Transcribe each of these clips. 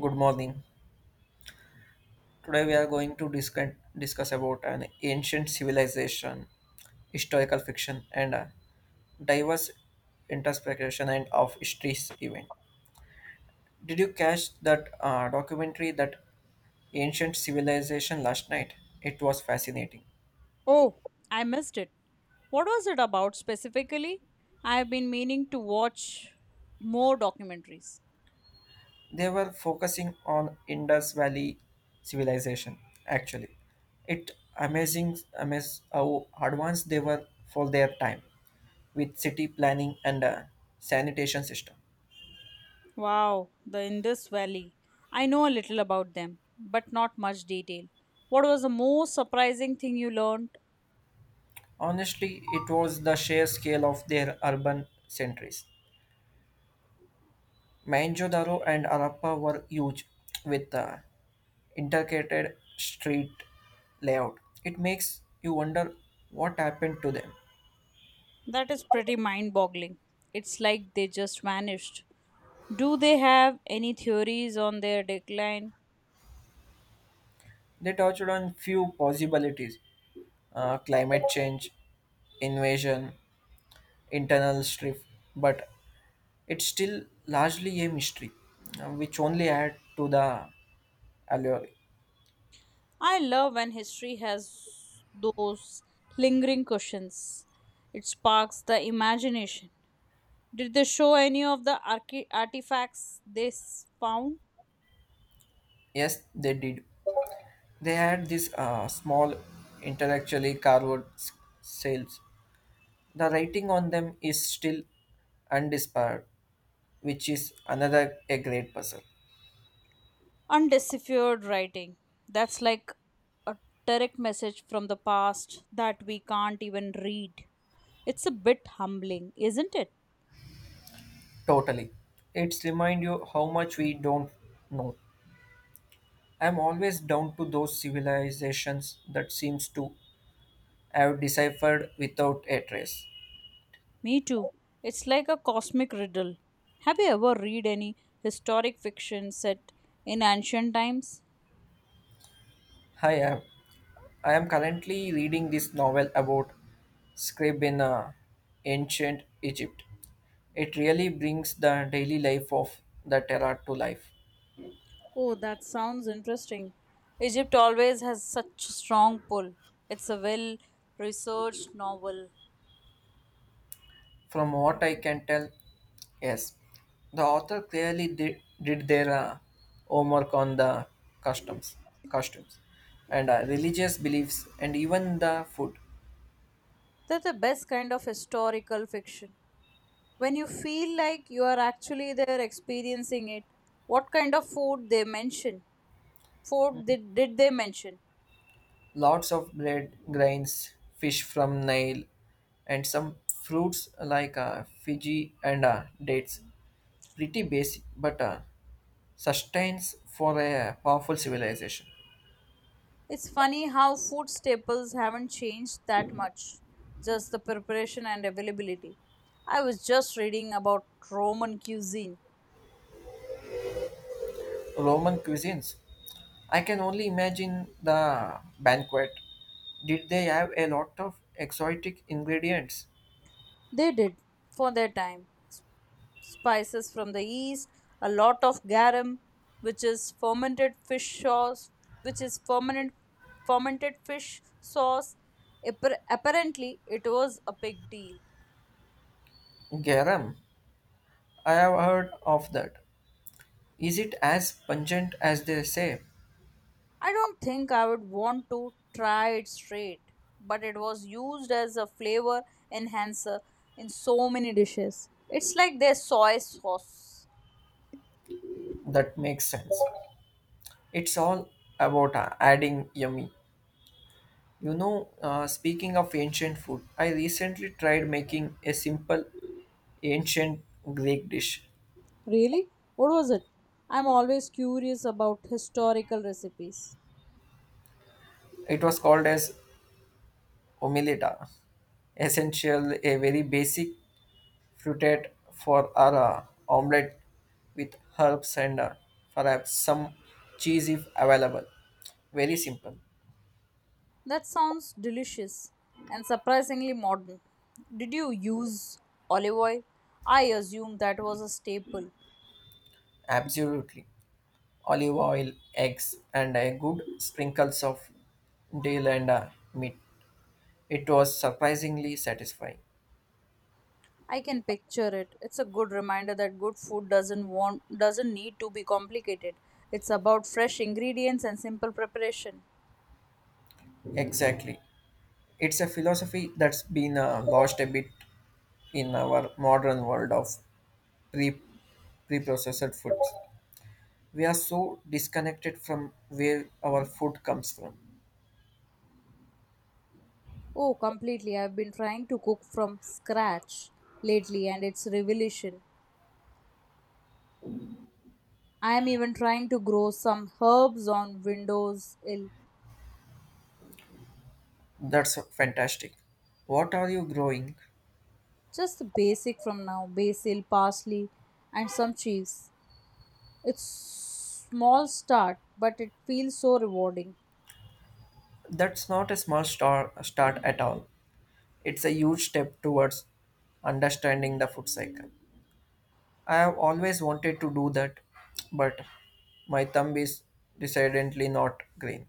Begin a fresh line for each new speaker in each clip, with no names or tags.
Good morning. Today we are going to discuss about an ancient civilization, historical fiction, and a diverse interpretation and of history's event. Did you catch that documentary that ancient civilization last night? It was fascinating.
Oh, I missed it. What was it about specifically? I have been meaning to watch more documentaries.
They were focusing on Indus Valley civilization. Actually, it amazing amaz how advanced they were for their time with city planning and a sanitation system.
Wow, the Indus Valley. I know a little about them, but not much detail. What was the most surprising thing you learned?
Honestly, it was the sheer scale of their urban centers. Mohenjo-daro and Harappa were huge with intricate street layout. It makes you wonder what happened to them.
That is pretty mind boggling. It's like they just vanished. Do they have any theories on their decline?
They touched on few possibilities, climate change, invasion, internal strife, but it's still largely a mystery, which only add to the allure.
I love when history has those lingering questions. It sparks the imagination. Did they show any of the artifacts they found?
Yes, they did. They had these small, intellectually carved sails. The writing on them is still undisparred, which is another a great puzzle.
Undeciphered writing. That's like a direct message from the past that we can't even read. It's a bit humbling, isn't it?
Totally. It's remind you how much we don't know. I'm always down to those civilizations that seems to have deciphered without a trace.
Me too. It's like a cosmic riddle. Have you ever read any historic fiction set in ancient times?
Hi, I am. I am currently reading this novel about scribe in ancient Egypt. It really brings the daily life of the era to life.
Oh, that sounds interesting. Egypt always has such a strong pull. It's a well researched novel.
From what I can tell, yes, the author clearly did their homework on the customs, costumes, and religious beliefs, and even the food.
That's the best kind of historical fiction. When you feel like you are actually there experiencing it, what kind of food they mention? Food did they mention?
Lots of bread, grains, fish from Nile, and some fruits like Fiji and dates. Pretty basic, but sustains for a powerful civilization.
It's funny how food staples haven't changed that much, just the preparation and availability. I was just reading about Roman cuisine.
Roman cuisines. I can only imagine the banquet. Did they have a lot of exotic ingredients?
They did for their time. Spices from the east, a lot of garum, which is fermented fish sauce, which is fermented fermented fish sauce. Apparently, it was a big deal.
Garum. I have heard of that. Is it as pungent as they say?
I don't think I would want to try it straight, but it was used as a flavor enhancer in so many dishes. It's like their soy sauce.
That makes sense. It's all about adding yummy. Speaking of ancient food, I recently tried making a simple ancient Greek dish.
Really? What was it? I'm always curious about historical recipes.
It was called as omeleta. Essential, a very basic fruited for our omelette with herbs and perhaps some cheese if available. Very simple,
That sounds delicious and surprisingly modern. Did you use olive oil? I assume that was a staple.
absolutely. Olive oil, eggs, and a good sprinkles of dill and meat. It was surprisingly satisfying.
I can picture it. It's a good reminder that good food doesn't need to be complicated. It's about fresh ingredients and simple preparation.
Exactly. It's a philosophy that's been lost a bit in our modern world of pre preprocessed foods. We are so disconnected from where our food comes from.
Oh, completely. I've been trying to cook from scratch lately and it's revelation. I am even trying to grow some herbs on windowsill.
That's fantastic. What are you growing?
Just the basic from now basil, parsley, and some cheese. It's small start, but it feels so rewarding.
That's not a start at all. It's a huge step towards understanding the food cycle. I have always wanted to do that, but my thumb is decidedly not green.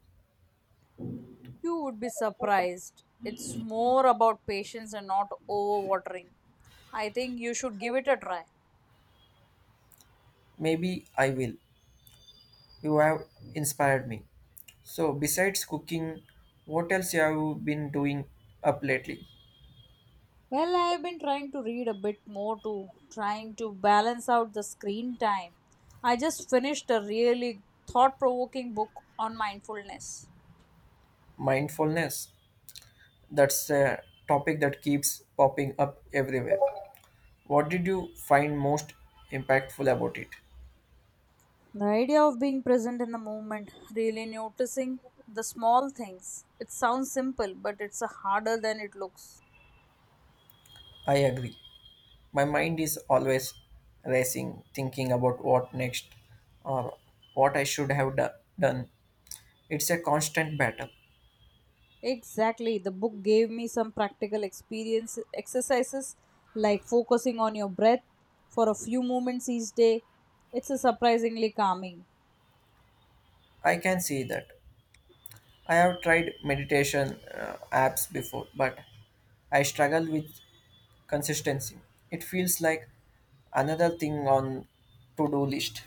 You would be surprised. It's more about patience and not overwatering. I think you should give it a try.
Maybe I will. You have inspired me. So, besides cooking, what else have you been doing up lately?
Well, I have been trying to read a bit more too, trying to balance out the screen time. I just finished a really thought provoking book on mindfulness.
Mindfulness. That's a topic that keeps popping up everywhere. What did you find most impactful about it?
The idea of being present in the moment, really noticing the small things. It sounds simple, but it's harder than it looks.
I agree. My mind is always racing, thinking about what next or what I done. It's a constant battle.
Exactly. The book gave me some practical experience exercises like focusing on your breath for a few moments each day. It's a surprisingly calming.
I can see that. I have tried meditation apps before, but I struggle with consistency. It feels like another thing on to-do list.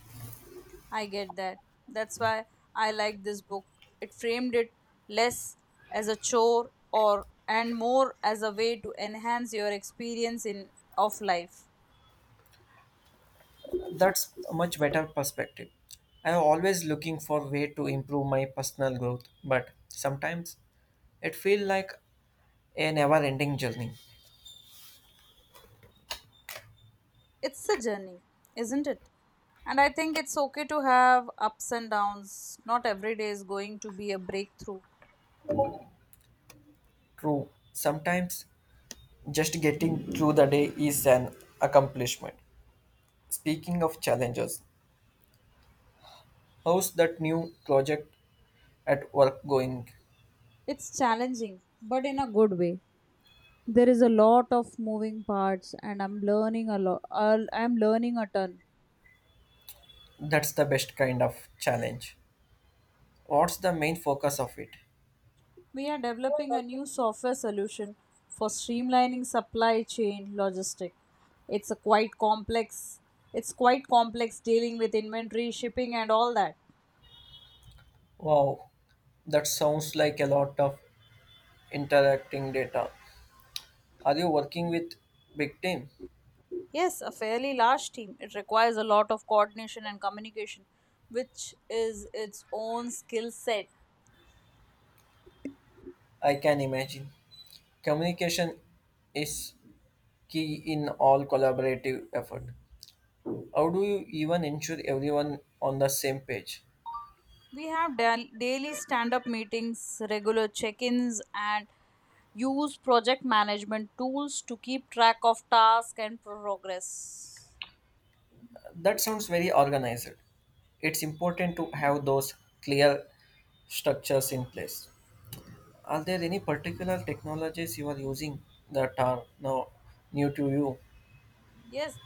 I get that. That's why I like this book. It framed it less as a chore or and more as a way to enhance your experience in of life.
That's a much better perspective. I am always looking for way to improve my personal growth, but sometimes it feels like a never-ending journey.
It's a journey, isn't it? And I think it's okay to have ups and downs. Not every day is going to be a breakthrough.
True, sometimes just getting through the day is an accomplishment. Speaking of challenges, how's that new project at work going?
It's challenging, but in a good way. There is a lot of moving parts, and I'm learning a lot. I'm learning a ton.
That's the best kind of challenge. What's the main focus of it?
We are developing a new software solution for streamlining supply chain logistic. It's a quite complex. It's quite complex dealing with inventory, shipping, and all that.
Wow, that sounds like a lot of interacting data. Are you working with big team?
Yes, a fairly large team. It requires a lot of coordination and communication, which is its own skill set.
I can imagine communication is key in all collaborative effort. How do you even ensure everyone on the same page?
We have daily stand up meetings, regular check ins, and use project management tools to keep track of tasks and progress.
That sounds very organized. It's important to have those clear structures in place. Are there any particular technologies you are using that are now new to you?
Yes,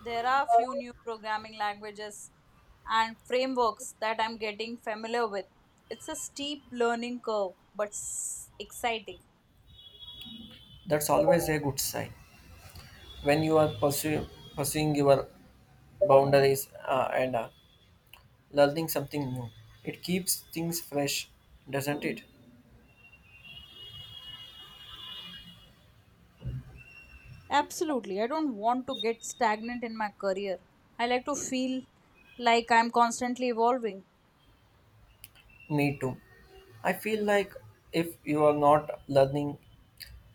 there are a few new programming languages and frameworks that I'm getting familiar with. It's a steep learning curve, but exciting.
That's always a good sign. When you are pursuing your boundaries and learning something new, it keeps things fresh, doesn't it?
Absolutely. I don't want to get stagnant in my career. I like to feel like I'm constantly evolving.
Me too. I feel like if you are not learning,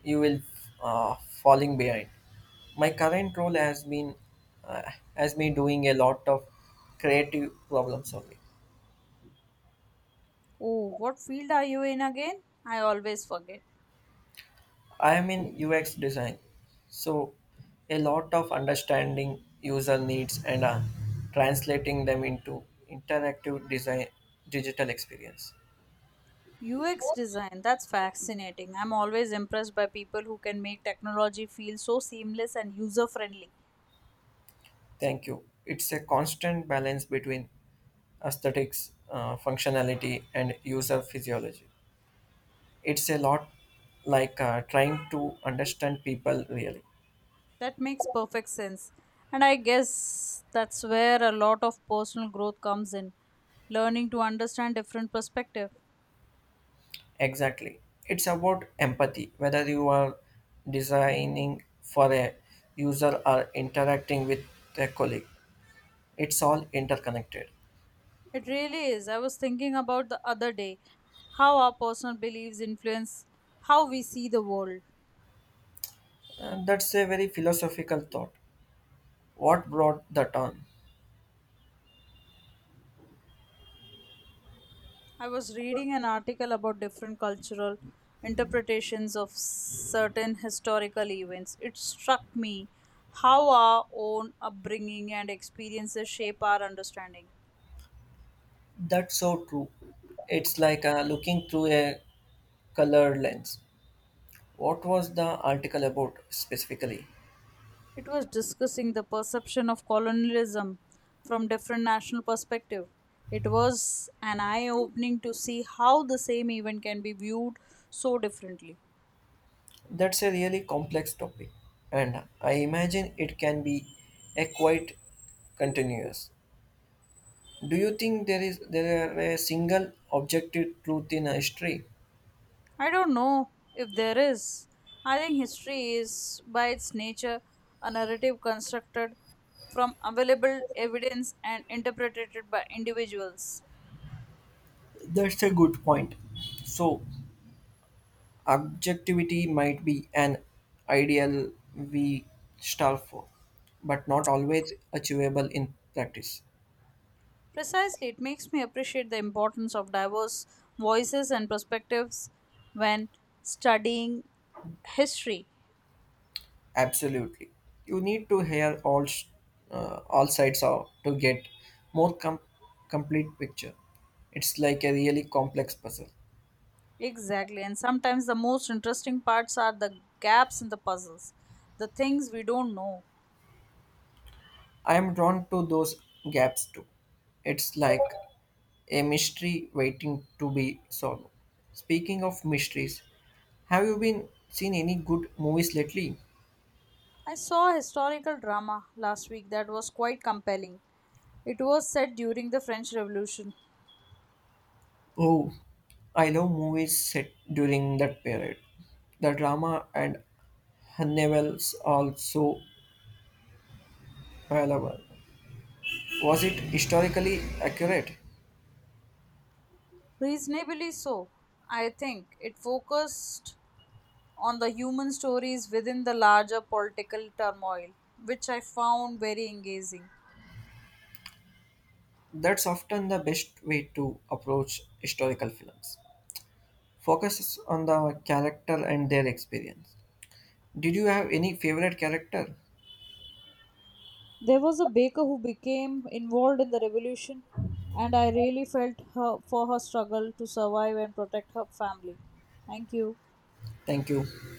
you will uh, falling behind. My current role has been uh, has me doing a lot of creative problem solving.
Oh, what field are you in again? I always forget.
I am in UX design, so a lot of understanding user needs and translating them into interactive design digital experience.
UX design, that's fascinating. I'm always impressed by people who can make technology feel so seamless and user friendly.
Thank you. It's a constant balance between aesthetics, functionality, and user physiology. It's a lot like trying to understand people really.
That makes perfect sense. And I guess that's where a lot of personal growth comes in learning to understand different perspectives.
Exactly. It's about empathy, whether you are designing for a user or interacting with a colleague. It's all interconnected.
It really is. I was thinking about the other day how our personal beliefs influence how we see the world.
And that's a very philosophical thought. What brought that on?
I was reading an article about different cultural interpretations of certain historical events. It struck me how our own upbringing and experiences shape our understanding.
That's so true. It's like looking through a color lens. What was the article about specifically?
It was discussing the perception of colonialism from different national perspective. It was an eye opening to see how the same event can be viewed so differently.
That's a really complex topic, and I imagine it can be a quite continuous. Do you think there are a single objective truth in history?
I don't know if there is. I think history is by its nature a narrative constructed from available evidence and interpreted by individuals.
That's a good point. So objectivity might be an ideal we strive for, but not always achievable in practice.
Precisely, it makes me appreciate the importance of diverse voices and perspectives when studying history.
Absolutely, you need to hear all sides out to get more complete picture. It's like a really complex puzzle.
Exactly, and sometimes the most interesting parts are the gaps in the puzzles, the things we don't know.
I'm drawn to those gaps too. It's like a mystery waiting to be solved. Speaking of mysteries, have you been seen any good movies lately?
I saw a historical drama last week that was quite compelling. It was set during the French Revolution.
Oh, I love movies set during that period. The drama and novels also available. Was it historically accurate?
Reasonably so. I think it focused on the human stories within the larger political turmoil, which I found very engaging.
That's often the best way to approach historical films. Focuses on the character and their experience. Did you have any favorite character?
There was a baker who became involved in the revolution, and I really for her struggle to survive and protect her family. Thank you.
Thank you.